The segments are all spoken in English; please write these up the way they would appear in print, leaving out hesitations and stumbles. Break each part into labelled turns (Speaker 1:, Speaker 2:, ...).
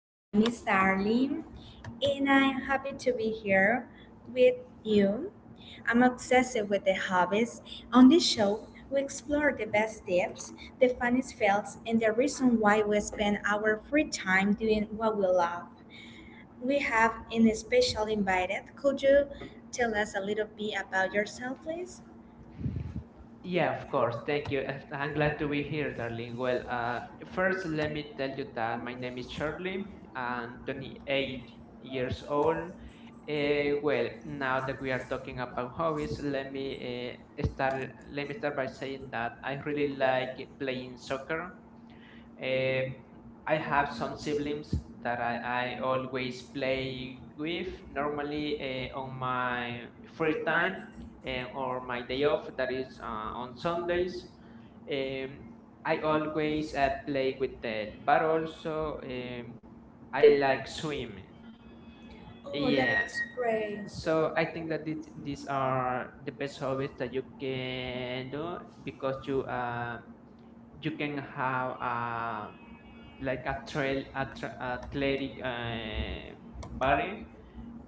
Speaker 1: My name is Darlene, and I'm happy to be here with you. I'm obsessed with the hobbies. On this show, we explore the best tips, the funniest fails, and the reason why we spend our free time doing what we love. We have an special invited. Could you tell us a little bit about yourself, please?
Speaker 2: Yeah, of course. Thank you. I'm glad to be here, darling. Well, first, let me tell you that my name is Charlie. I'm 28 years old. And well, now that we are talking about hobbies, let me start. Let me start by saying that I really like playing soccer. Um, I have some siblings that I always play with. Normally, on my free time or my day off, that is on Sundays, um, I always play with them. But also, I like swimming.
Speaker 1: Oh, that
Speaker 2: Yeah.
Speaker 1: is great.
Speaker 2: So I think that these are the best hobbies that you can do because you can have like a athletic body,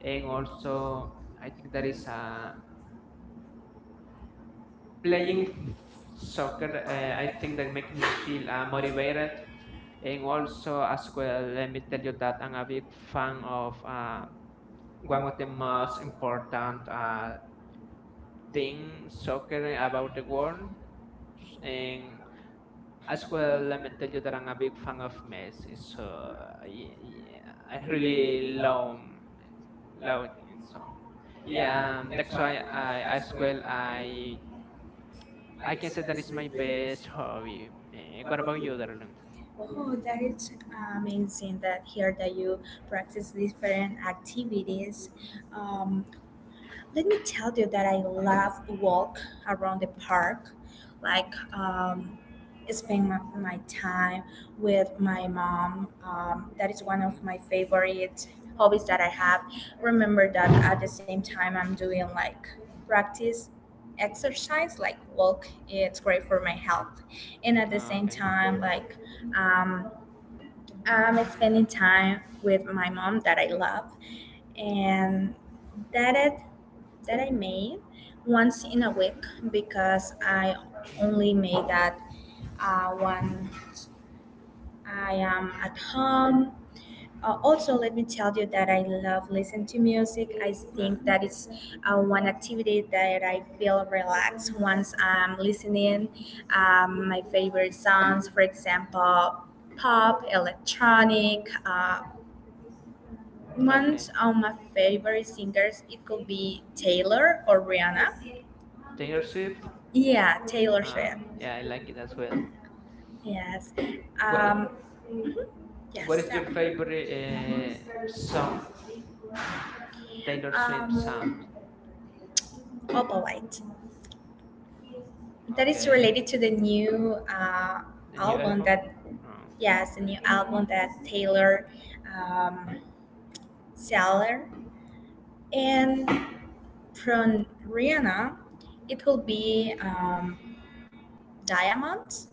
Speaker 2: and also I think that is playing soccer. I think that makes me feel motivated, and also as well, let me tell you that I'm a big fan of one of the most important thing soccer about the world. And as well, let me tell you that I'm a big fan of Messi. So yeah, yeah, I really love low. And so yeah, that's why I, as well, I can say that is my best hobby. What about you, darling?
Speaker 1: Oh, that is amazing that here that you practice different activities. Um, let me tell you that I love walk around the park, like spend my time with my mom. That is one of
Speaker 2: Mm,
Speaker 1: my favorite hobbies that I have. Remember that at the same time I'm doing like practice exercise like walk, it's great for my health, and at the
Speaker 2: oh,
Speaker 1: same
Speaker 2: okay.
Speaker 1: time like um, I'm spending time with my mom that I love, and that it that I made once in a week because I only made that when I am at home. Also, let me tell you that I love listening to music. I
Speaker 2: No,
Speaker 1: think that is one activity that I feel relaxed once I'm listening. My favorite songs, for example, pop, electronic, one's
Speaker 2: okay,
Speaker 1: of my favorite singers, it could be Taylor or Rihanna.
Speaker 2: Taylor Swift.
Speaker 1: Yeah, Taylor
Speaker 2: uh
Speaker 1: Swift.
Speaker 2: yeah, I like it as well.
Speaker 1: Yes.
Speaker 2: what,
Speaker 1: Um, yes.
Speaker 2: what is your favorite song, uh, Taylor Swift songs.
Speaker 1: Um, Opalite. That is
Speaker 2: Okay,
Speaker 1: related to the new
Speaker 2: the new
Speaker 1: album,
Speaker 2: album.
Speaker 1: that,
Speaker 2: Oh,
Speaker 1: yes, the new album that Taylor um, Seller. And from Rihanna, it will be Diamond.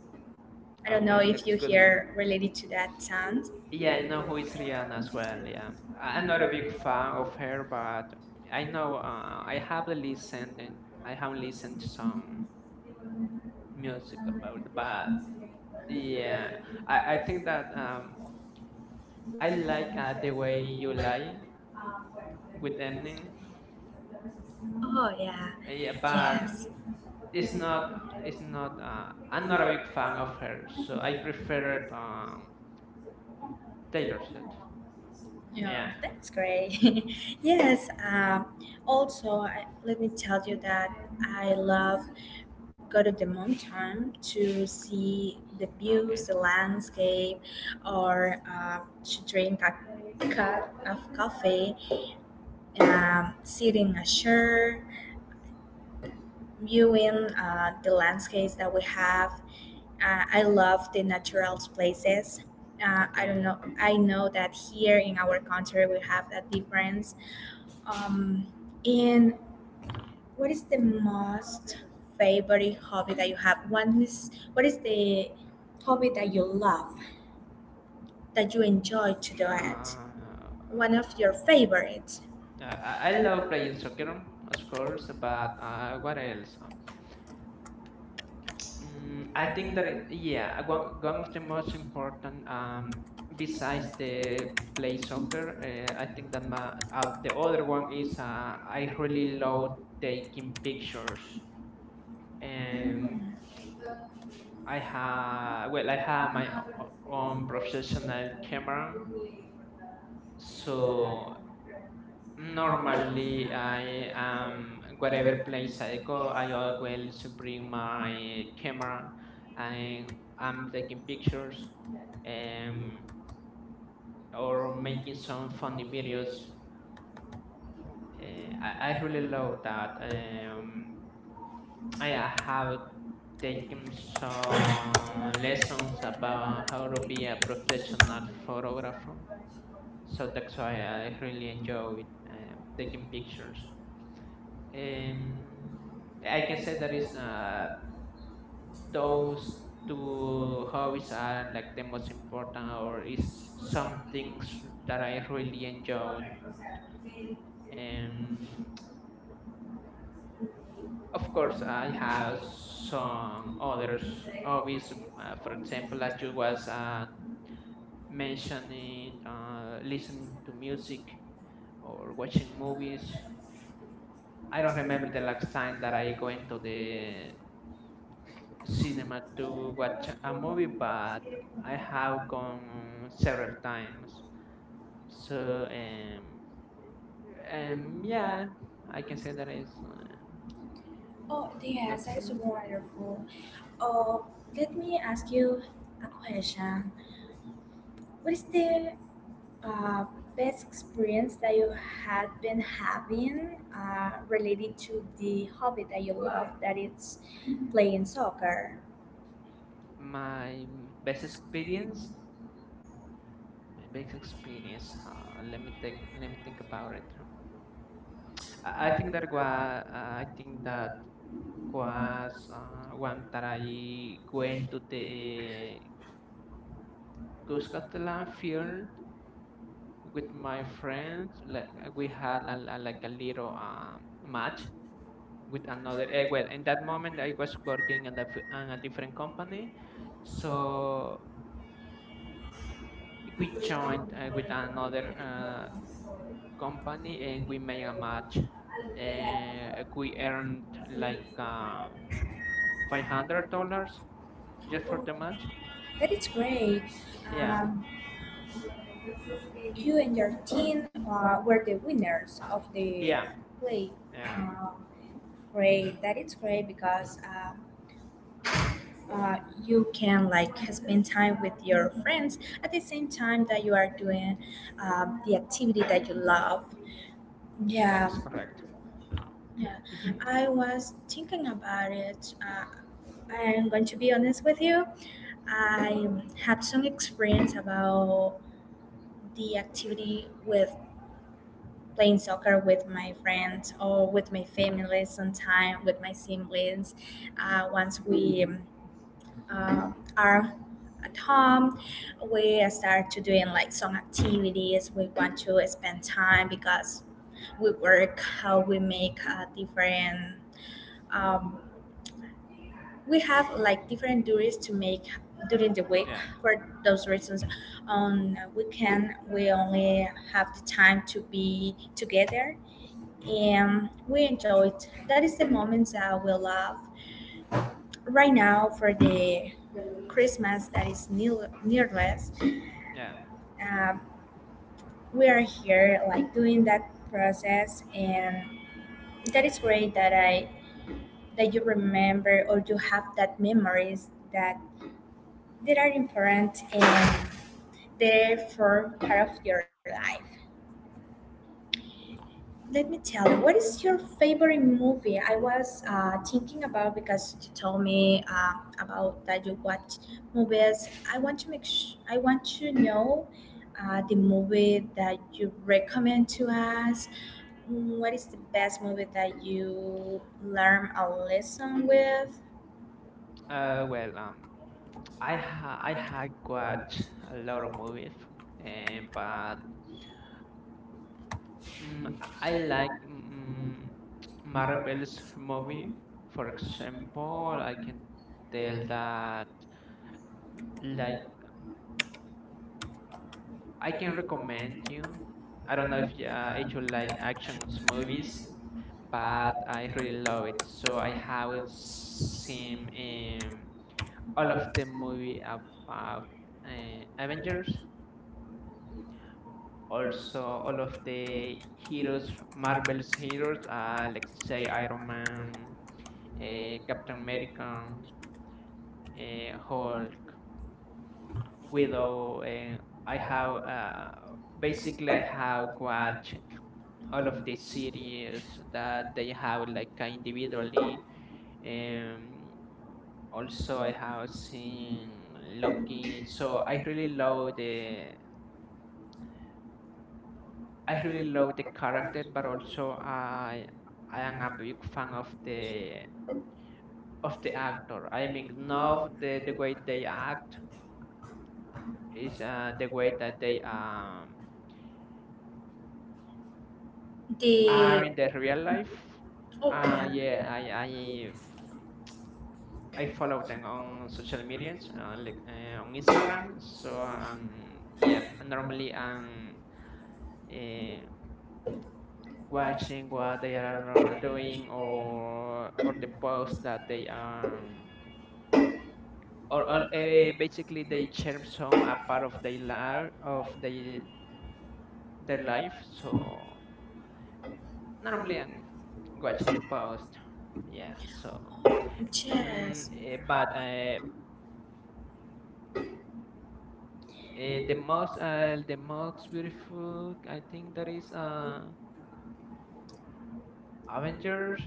Speaker 1: I don't know
Speaker 2: okay,
Speaker 1: if
Speaker 2: that's
Speaker 1: you
Speaker 2: good one.
Speaker 1: hear related to that sound.
Speaker 2: Yeah, I know who is Rihanna as well. Yeah, I'm not a big fan of her, but I know, I have listened. And I have listened to some music about, but yeah, I think that I like the way you lie with Eminem.
Speaker 1: Oh yeah,
Speaker 2: Yeah, but
Speaker 1: yes.
Speaker 2: it's not. It's not. I'm not a big fan of her, so I prefer Taylor Swift. Yeah.
Speaker 1: Yeah, that's great. Yes. Also, let me tell you that I love go to the mountain to see the views,
Speaker 2: Okay.
Speaker 1: the landscape, or to drink a cup of coffee, sit in a chair, viewing the landscapes that we have. I love the natural places. I
Speaker 2: Okay.
Speaker 1: don't know. I know that here in our country we have that difference. Um, and what is the most favorite hobby that you have? What is the hobby that you love, that you enjoy to do it?
Speaker 2: Uh,
Speaker 1: One of your favorites?
Speaker 2: I love playing soccer, of course, but what else? I think that yeah, one of the most important, besides the play soccer, I think that my, the other one is I really love taking pictures, and I have, well, I have my own professional camera. So normally, I whatever place I go, I always bring my camera and I'm taking pictures um or making some funny videos. I really love that. I have taken some lessons about how to be a professional photographer. So that's why I really enjoy taking pictures. I can say that is those two hobbies are like the most important, or is some things that I really enjoyed. Um, of course, I have some others hobbies. For example, as you was mentioning, listening to music or watching movies. I don't remember the last time that I went to the cinema to watch a movie, but I have gone several times. So yeah, I can say that is
Speaker 1: Oh
Speaker 2: like
Speaker 1: yes, that's
Speaker 2: so
Speaker 1: wonderful. Oh, let me ask you a question. What is the uh, best experience that you had been having related to the hobby that you love, that it's playing soccer?
Speaker 2: my best experience. My best experience. Let me take. Let me think about it. I think that was. I think that was one that I went to the Cuscatlan field with my friends, like we had like a little, match with another, well, in that moment I was working on a different company, so we joined with another company and we made a match. We earned like $500 just for the match.
Speaker 1: That is great,
Speaker 2: Yeah,
Speaker 1: um, you and your team were the winners of the
Speaker 2: yeah,
Speaker 1: play.
Speaker 2: yeah,
Speaker 1: Um, great, that is great because uh, you can like spend time with your friends at the same time that you are doing the activity that you love. Yeah,
Speaker 2: that's correct.
Speaker 1: yeah,
Speaker 2: Hmm.
Speaker 1: I was thinking about it. I'm going to be honest with you. I had some experience about the activity with playing soccer with my friends or with my family, sometime with my siblings. Once we uh, are at home, we start to doing like some activities. We want to spend time because we work, how we make a different. Um, we have like different duties to make during the week.
Speaker 2: Yeah,
Speaker 1: For those reasons, on weekend we only have the time to be together and we enjoy it. That is the moments that we love. Right now, for the Christmas that is nearless,
Speaker 2: yeah.
Speaker 1: um, we are here like doing that process, and that is great that I that you remember, or you have that memories that are important and they form part of your life. Let me tell you, what is your favorite movie? I was thinking about because you told me about that you watch movies. I want to know the movie that you recommend to us. What is the best movie that you learn a lesson with?
Speaker 2: Well, I had watched a lot of movies, and but mm, I like, Marvel's movie. For example, I can tell that like I can recommend you. I don't know if if you like action movies, but I really love it. So I have seen all of the movie about Avengers, also all of the heroes, Marvel's heroes, let's say Iron Man, Captain America, Hulk, Widow. I have, basically I have watched all of the series that they have like individually. Um, Also I have seen Loki, so I really love the character, but also I am a big fan of the actor. I mean, not the way they act is the way that they are
Speaker 1: The
Speaker 2: in the real life.
Speaker 1: Oh
Speaker 2: Yeah,
Speaker 1: yeah,
Speaker 2: I follow them on social medias, like on Instagram. So yeah, normally. Uh, Watching what they are doing, or the posts that they are, or basically they share some a part of their life of their life. So normally, I'm watching the post. Yeah. So
Speaker 1: yes.
Speaker 2: but the most beautiful, I think that is Avengers.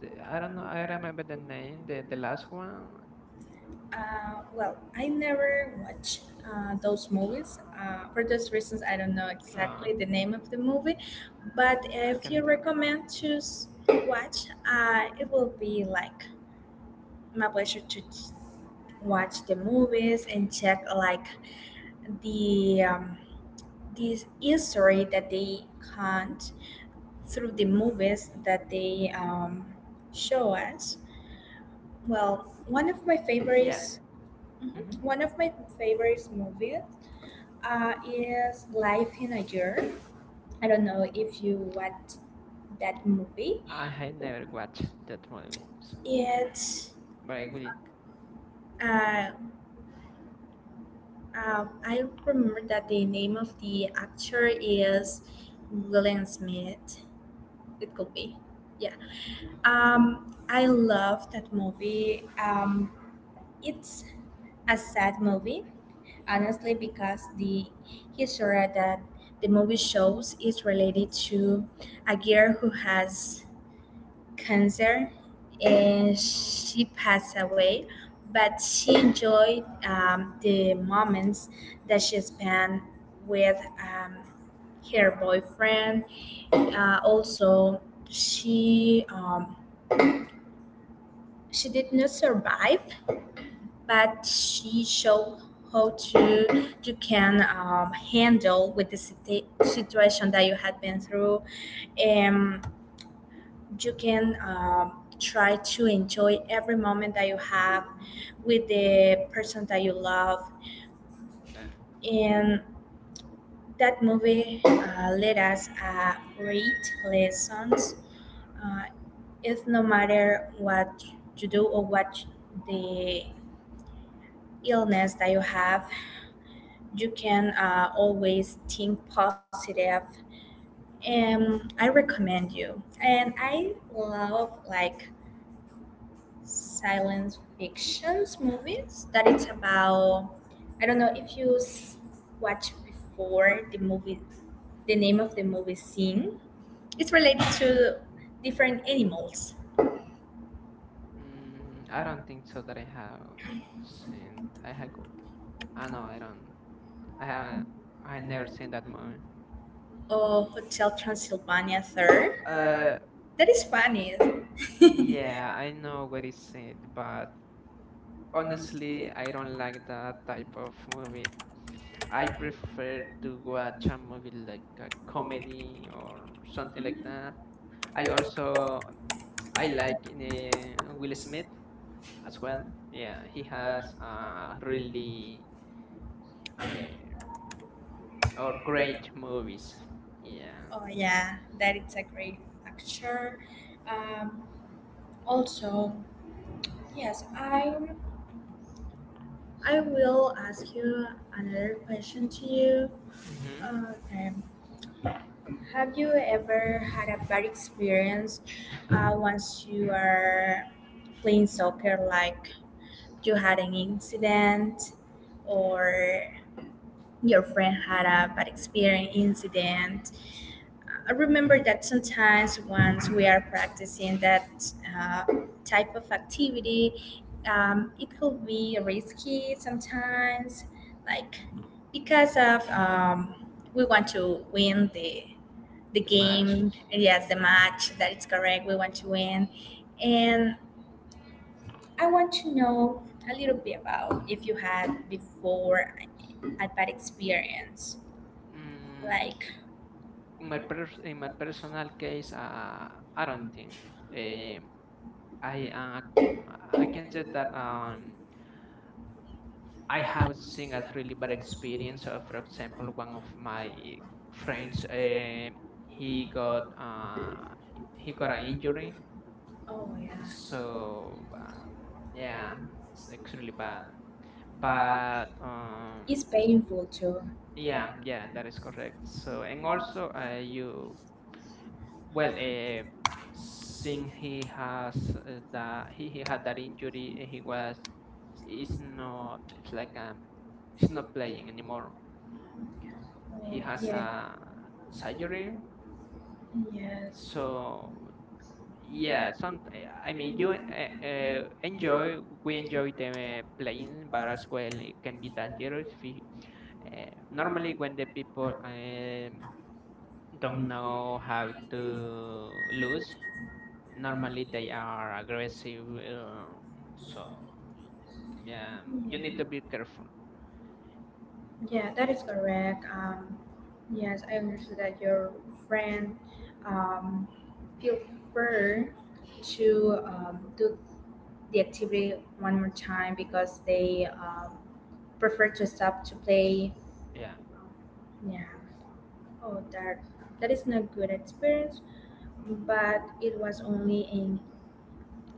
Speaker 2: I don't know, I remember the name, the last one,
Speaker 1: Well, I never watch those movies. For those reasons, I don't know
Speaker 2: no,
Speaker 1: exactly the name of the movie. But
Speaker 2: I
Speaker 1: if
Speaker 2: can
Speaker 1: you
Speaker 2: tell.
Speaker 1: recommend to watch, it will be like my pleasure to watch the movies and check like the this history that they hunt through the movies that they show us. Well, one of my
Speaker 2: Yeah.
Speaker 1: favorites,
Speaker 2: Hmm.
Speaker 1: Mhm. One of my favorites movies is Life in a Year. I don't know if you watched that movie.
Speaker 2: I had never watched that movie, so,
Speaker 1: It's
Speaker 2: but I will.
Speaker 1: uh, I remember that the name of the actor is William Smith. It could be, yeah. I love that movie. It's a sad movie, honestly, because the history that the movie shows is related to a girl who has cancer and she passed away, but she enjoyed the moments that she spent with her boyfriend. Also, she um, she did not survive, but she showed how to you can handle with the situation that you had been through. Um, you can try to enjoy every moment that you have with the person that you love.
Speaker 2: Uh,
Speaker 1: And that movie let us great lessons. Uh, it's no matter what you do or what the illness that you have, you can always think positive. And I recommend you. And I love like science fictions movies, that it's about, I don't know if you watch before the movie, the name of the movie Sing, it's related to different animals.
Speaker 2: I don't think so that I have seen. I have. I know I don't. I haven't. I never seen that movie.
Speaker 1: Oh, Hotel Transylvania Third,
Speaker 2: Uh,
Speaker 1: that is funny.
Speaker 2: yeah, I know what is it, but honestly, I don't like that type of movie. I prefer to watch a movie like a comedy or something like that. I also I like Will Smith as well. Yeah, he has a really uh, or great movies. Yeah.
Speaker 1: Oh yeah, that it's a great actor. Um, also, yes, I will ask you another question to you.
Speaker 2: Hmm.
Speaker 1: Okay. Have you ever had a bad experience once you are playing soccer, like you had an incident, or your friend had a bad experience incident? I remember that sometimes once we are practicing that uh, type of activity, it could be risky sometimes, like because of we want to win the
Speaker 2: The match.
Speaker 1: game, yes,
Speaker 2: Mhm.
Speaker 1: the match. That is correct. We want to win, and I want to know a little bit about if you had before a bad experience,
Speaker 2: Mm,
Speaker 1: like.
Speaker 2: in my in my personal case, I don't think. Um I uh, um, I can say that I have seen a really bad experience. For example, one of my friends, he got, an injury.
Speaker 1: Oh yeah,
Speaker 2: So yeah, it's extremely bad. But
Speaker 1: it's painful too.
Speaker 2: yeah, yeah, that is correct. So and also, you well, since he has that he had that injury, he was. It's not. It's like he's not playing anymore. He
Speaker 1: Oh
Speaker 2: has
Speaker 1: yeah.
Speaker 2: a surgery,
Speaker 1: Yes.
Speaker 2: so. Yeah. Some, I mean, you, enjoy we enjoy them playing, but as well it can be dangerous. If you- Normally, when the people don't know how to lose, normally they are aggressive. So yeah, you need
Speaker 1: Yeah.
Speaker 2: to be careful.
Speaker 1: Yeah, that
Speaker 2: Yeah,
Speaker 1: is correct. Yes, I understood that your friend um, feel free to do the activity one more time because they prefer to stop to play.
Speaker 2: yeah.
Speaker 1: Yeah. Oh, that is not good experience, but it was only in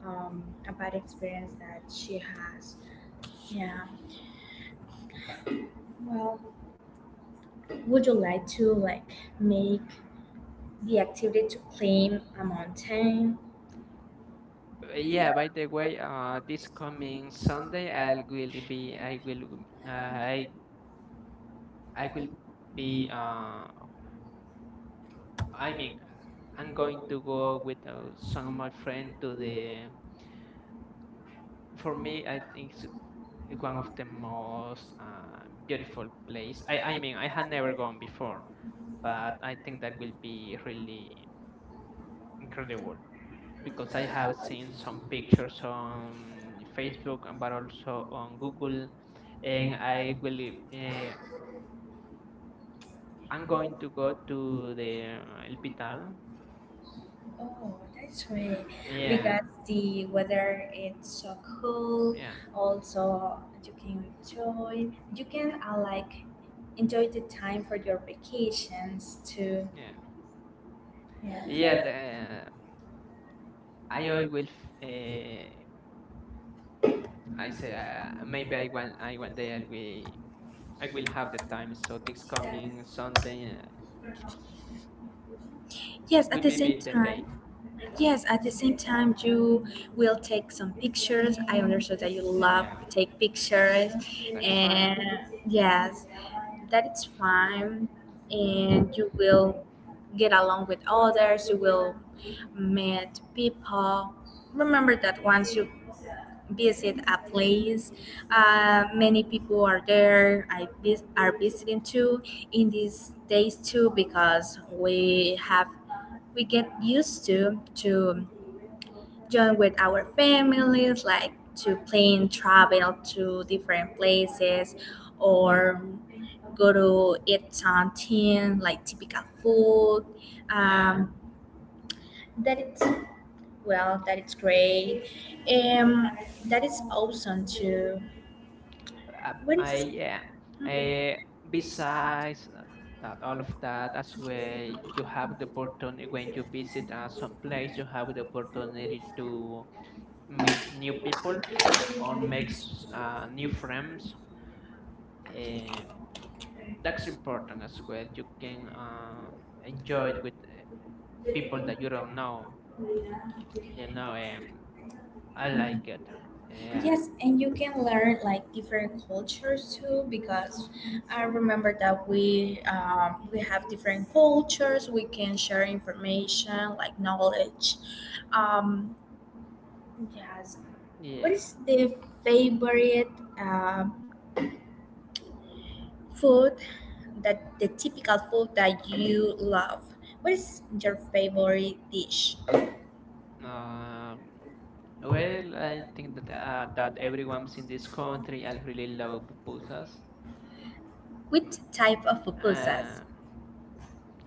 Speaker 1: a bad experience that she has. Yeah. Well, would you like to like make the activity to climb a mountain?
Speaker 2: Yeah, by the way, this coming Sunday I will be uh, I I will be I mean, I'm going to go with some of my friends to the. For me, I think it's one of the most beautiful place. I mean, I had never gone before, but I think that will be really incredible because I have seen some pictures on Facebook, but also on Google, and I will. Uh, I'm going to go to the El Pital.
Speaker 1: Oh, that's right.
Speaker 2: Yeah,
Speaker 1: Because the weather it's so cool.
Speaker 2: yeah,
Speaker 1: Also, you can enjoy. You can like enjoy the time for your vacations too.
Speaker 2: yeah. Yeah,
Speaker 1: Yeah.
Speaker 2: the I always, uh, I say, maybe I want I one day I will have the time. So this coming Sunday
Speaker 1: Yes,
Speaker 2: will
Speaker 1: at the
Speaker 2: be
Speaker 1: same
Speaker 2: the
Speaker 1: time,
Speaker 2: day.
Speaker 1: yes, at the same time, you will take some pictures. I understood that you love
Speaker 2: Yeah,
Speaker 1: take pictures,
Speaker 2: that's right.
Speaker 1: and yes, that is fine. And you will get along with others. You will meet people. Remember that once you visit a place. Many people are there. I are visiting too in these days too, because we get used to join with our families, like to plan travel to different places or go to eat something like typical food.
Speaker 2: Yeah.
Speaker 1: Um, that it's that it's great, um that is awesome too. What is
Speaker 2: I Yeah. Uh, Besides that, all of that as well, you have the opportunity when you visit some place. You have the opportunity to meet new people or makes new friends. Um, that's important as well. You can enjoy it with people that you don't know. You know, I like it. Yeah,
Speaker 1: Yes, and you can learn like different cultures too, because I remember that we have different cultures. We can share information like knowledge. Um, yes, what
Speaker 2: yeah.
Speaker 1: is the favorite uh, food, that the typical food that you love? What is your favorite dish?
Speaker 2: Um, well, I think that that everyone's in this country. I really love pupusas.
Speaker 1: Which type of pupusas?
Speaker 2: Um,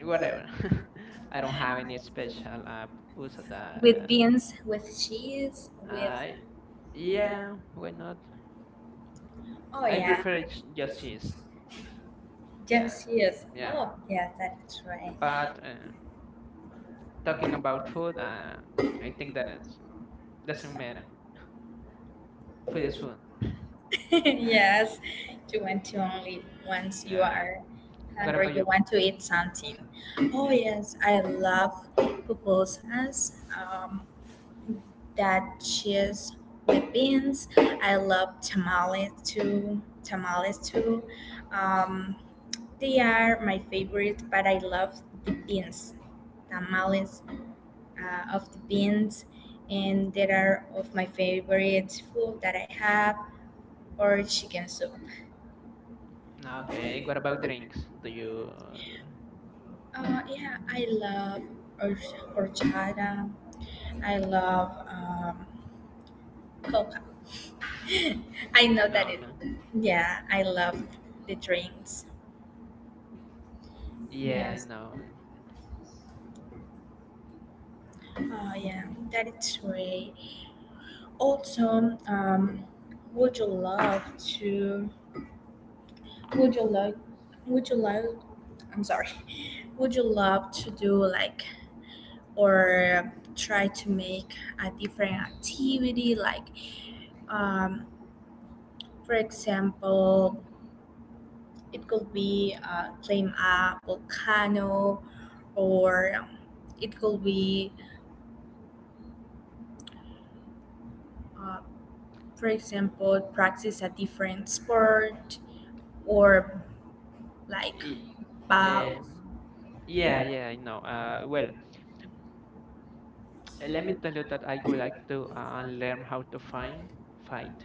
Speaker 2: Whatever. I don't have any special pupusa
Speaker 1: With
Speaker 2: that.
Speaker 1: beans, with cheese, with
Speaker 2: I Yeah, why not?
Speaker 1: oh
Speaker 2: I
Speaker 1: yeah.
Speaker 2: prefer just cheese. Yeah,
Speaker 1: Yes, yes.
Speaker 2: yeah.
Speaker 1: Oh, yeah, that is right.
Speaker 2: But talking about food, I think that it's doesn't matter. Food is food.
Speaker 1: Yes, you want to only once you
Speaker 2: Yeah.
Speaker 1: are
Speaker 2: What
Speaker 1: hungry,
Speaker 2: about
Speaker 1: you
Speaker 2: you?
Speaker 1: want to eat something. Oh
Speaker 2: Yeah.
Speaker 1: yes, I love pupusas. That cheese with beans. I love tamales too. Tamales too. Um, they are my favorite, but I love the beans. Tamales of the beans, and there are of my favorite food that I have, or chicken soup.
Speaker 2: Okay. What about drinks? Do you?
Speaker 1: Yeah, I love horchata. I love coca. I know
Speaker 2: No.
Speaker 1: that it.
Speaker 2: Okay.
Speaker 1: Yeah, I love the drinks.
Speaker 2: Yeah, I know.
Speaker 1: Oh yeah, that is great. Also, would you love to? Would you like? Would you like? I'm sorry. Would you love to do like, or try to make a different activity like, um, for example, it could be climb a volcano, or it could be, uh, for example, practice a different sport, or like
Speaker 2: Y-
Speaker 1: bow?
Speaker 2: Um, yeah, yeah, I know. Well, let me tell you that I would like to learn how to find fight.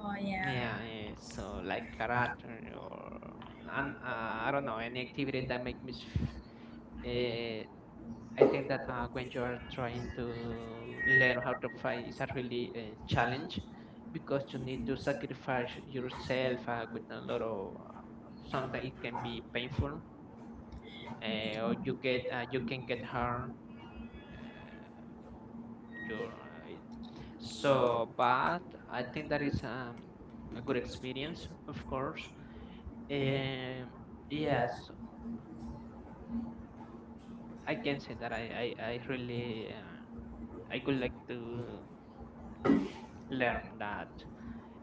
Speaker 1: Oh yeah,
Speaker 2: Yeah, yeah, so like karate I don't know any activity that make uh, I think that when you are trying to learn how to fly, it's a really challenge because you need to sacrifice yourself with a lot of. Sometimes it can be painful, or you can get hurt. Uh, your uh, it- so, but I think that is a good experience, of course. Um, yes, I can say that I really, I would like to learn that.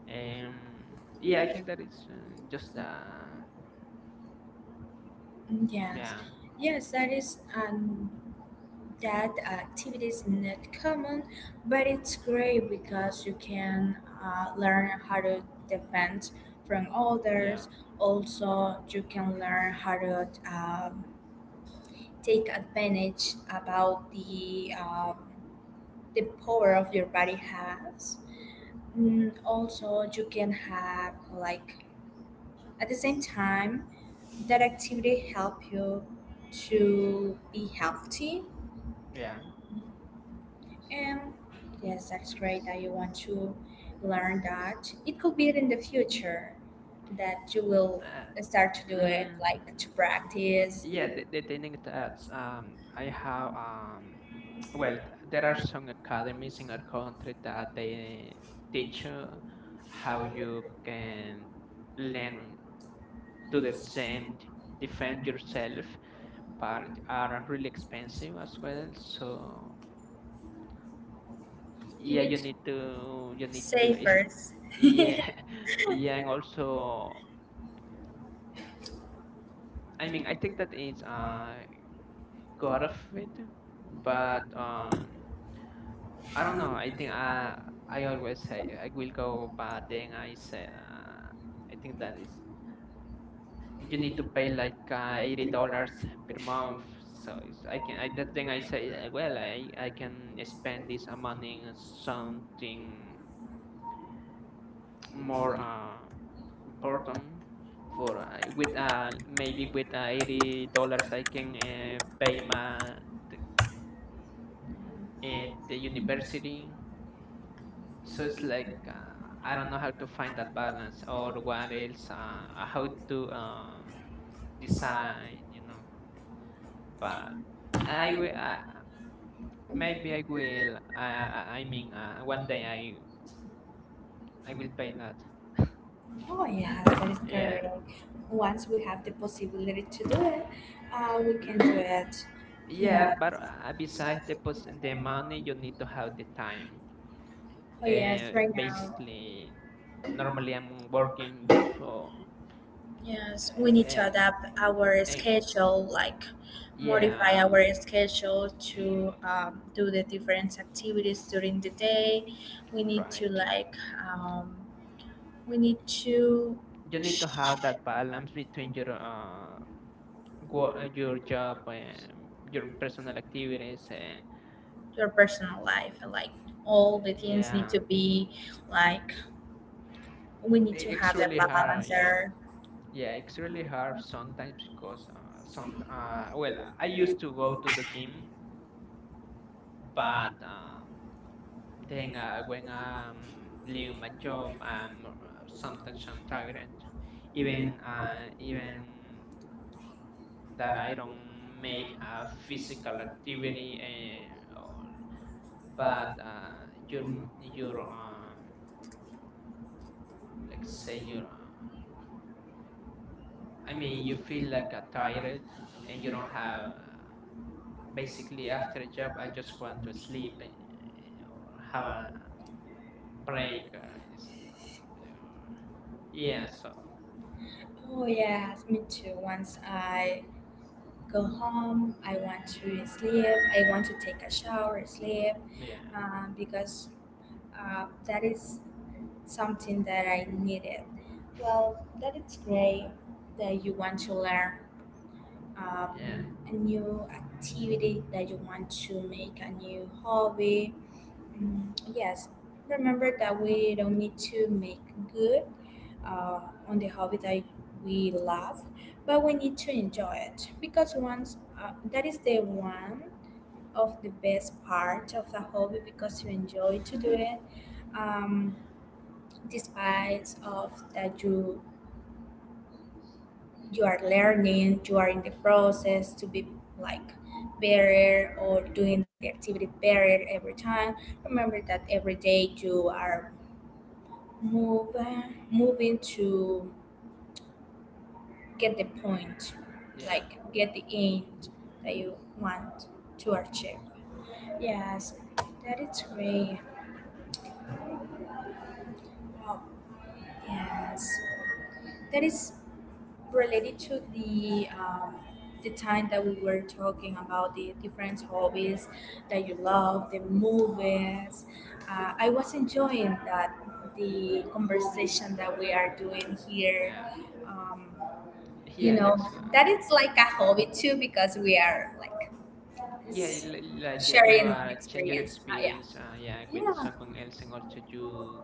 Speaker 2: Um, yeah, I think that it's just
Speaker 1: yes,
Speaker 2: yeah,
Speaker 1: yes, that is an that activity is not common, but it's great because you can learn how to defend from
Speaker 2: yeah,
Speaker 1: others. Also, you can learn how to take advantage about the power of your body has. Also, you can have like at the same time that activity help you to be healthy.
Speaker 2: yeah.
Speaker 1: Um, yes, that's great that you want to learn that. It could be in the future that you will
Speaker 2: Uh,
Speaker 1: start to do it,
Speaker 2: mm,
Speaker 1: like to practice.
Speaker 2: yeah,
Speaker 1: You
Speaker 2: the thing that I have, well, there are some academies in our country that they teach you how you can learn to the same defend yourself, but are really expensive as well. So yeah,
Speaker 1: need to
Speaker 2: you need to.
Speaker 1: say
Speaker 2: It's.
Speaker 1: first.
Speaker 2: Yeah, yeah, and also, I mean, I think that it's got of it, but I don't know. I think I always say I will go, but then I said, I think that is you need to pay like $80 per month. So it's, I can I that then I say, well, I can spend this amount in something more. Important for, with, maybe with $80 I can, pay my the, the university. So it's like I don't know how to find that balance or what else, how to decide. But I will, maybe I will. I mean, one day I will pay that.
Speaker 1: Oh yeah, that is
Speaker 2: Yeah.
Speaker 1: correct. Once we have the possibility to do it, we can do
Speaker 2: Mm,
Speaker 1: it.
Speaker 2: yeah,
Speaker 1: Yeah.
Speaker 2: but besides the money, you need to have the time.
Speaker 1: Oh yes, right now.
Speaker 2: Basically, normally I'm working, so,
Speaker 1: Yes, we need to
Speaker 2: uh,
Speaker 1: adapt our
Speaker 2: and
Speaker 1: schedule, like. Yeah. Modify
Speaker 2: yeah,
Speaker 1: our schedule to do the different activities during the day. We need to
Speaker 2: right.
Speaker 1: like um, we need to
Speaker 2: You need to have that balance between your job and your personal activities. And
Speaker 1: your personal life, like all the things need,
Speaker 2: yeah,
Speaker 1: yeah, to be like, we need to
Speaker 2: it's
Speaker 1: have a
Speaker 2: really hard.
Speaker 1: balance
Speaker 2: Yeah,
Speaker 1: there.
Speaker 2: yeah, it's really hard sometimes because, some well, I used to go to the gym, but, then when I'm leaving my job, I'm sometimes I'm tired. Even that I don't make a physical activity, or, but your let's say your I mean you feel like a tired, and you don't have, basically after a job I just want to sleep, or have a break. Is, yeah, so
Speaker 1: Oh yes, me too. Once I go home, I want to sleep. I want to take a shower, sleep,
Speaker 2: yeah,
Speaker 1: because that is something that I needed. Well, that is great that you want to learn
Speaker 2: yeah.
Speaker 1: a new activity, that you want to make a new hobby. Mm, yes, remember that we don't need to make good uh, on the hobby that we love, but we need to enjoy it, because once that is the one of the best part of the hobby because you enjoy to do it. Um, despite of that, you are learning, you are in the process to be like better or doing the activity better every time. Remember that every day you are move, moving to get the point,
Speaker 2: Yeah,
Speaker 1: like get the end that you want to achieve. Yes, that is great. Oh, yes, that is related to the time that we were talking about, the different hobbies that you love, the movies. I was enjoying that the conversation that we are doing here.
Speaker 2: yeah,
Speaker 1: Um, you
Speaker 2: yeah.
Speaker 1: know
Speaker 2: That's
Speaker 1: that it's like a hobby too, because we are like
Speaker 2: yeah,
Speaker 1: s-
Speaker 2: like you
Speaker 1: sharing
Speaker 2: are change your
Speaker 1: experience. Ah, yeah,
Speaker 2: experience. Yeah, with
Speaker 1: yeah.
Speaker 2: someone else, and also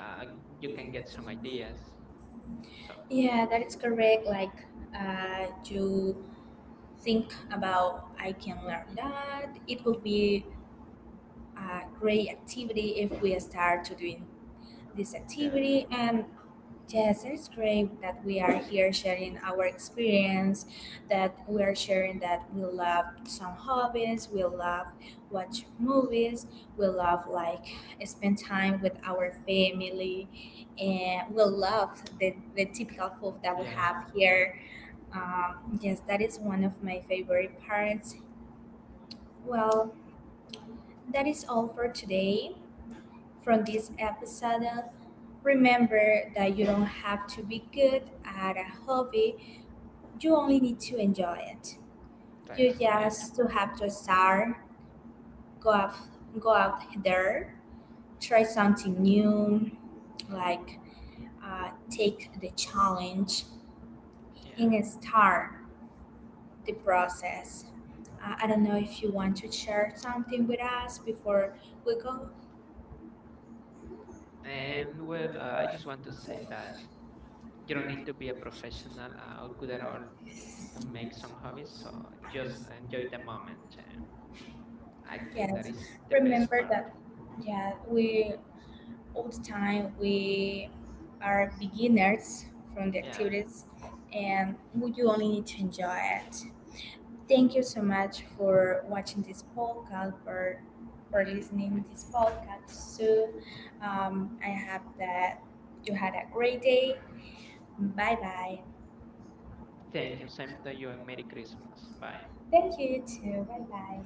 Speaker 2: uh, you can get some ideas. So
Speaker 1: Yeah, that is correct. Like, you think about, I can learn that. It would be a great activity if we start to doing this
Speaker 2: yeah,
Speaker 1: activity, and yes, it's great that we are here sharing our experience, that we are sharing that we love some hobbies, we love watch movies, we love like spend time with our family, and we love the typical food that we
Speaker 2: yeah,
Speaker 1: have here, yes, that is one of my favorite parts. Well, that is all for today from this episode. Remember that you don't have to be good at a hobby, you only need to enjoy it. You
Speaker 2: that's right.
Speaker 1: just to have to start, go out, go out there, try something new, like take the challenge
Speaker 2: Yeah,
Speaker 1: and start the process. I don't know if you want to share something with us before we go.
Speaker 2: and well, I just want to say that you don't need to be a professional or good at all to make some hobbies. So just enjoy the moment. Eh. I think that
Speaker 1: Yes,
Speaker 2: is the best
Speaker 1: remember
Speaker 2: part.
Speaker 1: that. Yeah, we all the time we are beginners from the
Speaker 2: Yeah.
Speaker 1: activities, and we you only need to enjoy it. Thank you so much for watching this podcast or for listening this
Speaker 2: Mm.
Speaker 1: podcast. So, I hope that you had a great day. Bye bye.
Speaker 2: Thank you. Same to you and Merry Christmas. Bye.
Speaker 1: Thank you too. Bye bye.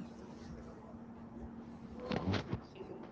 Speaker 2: See?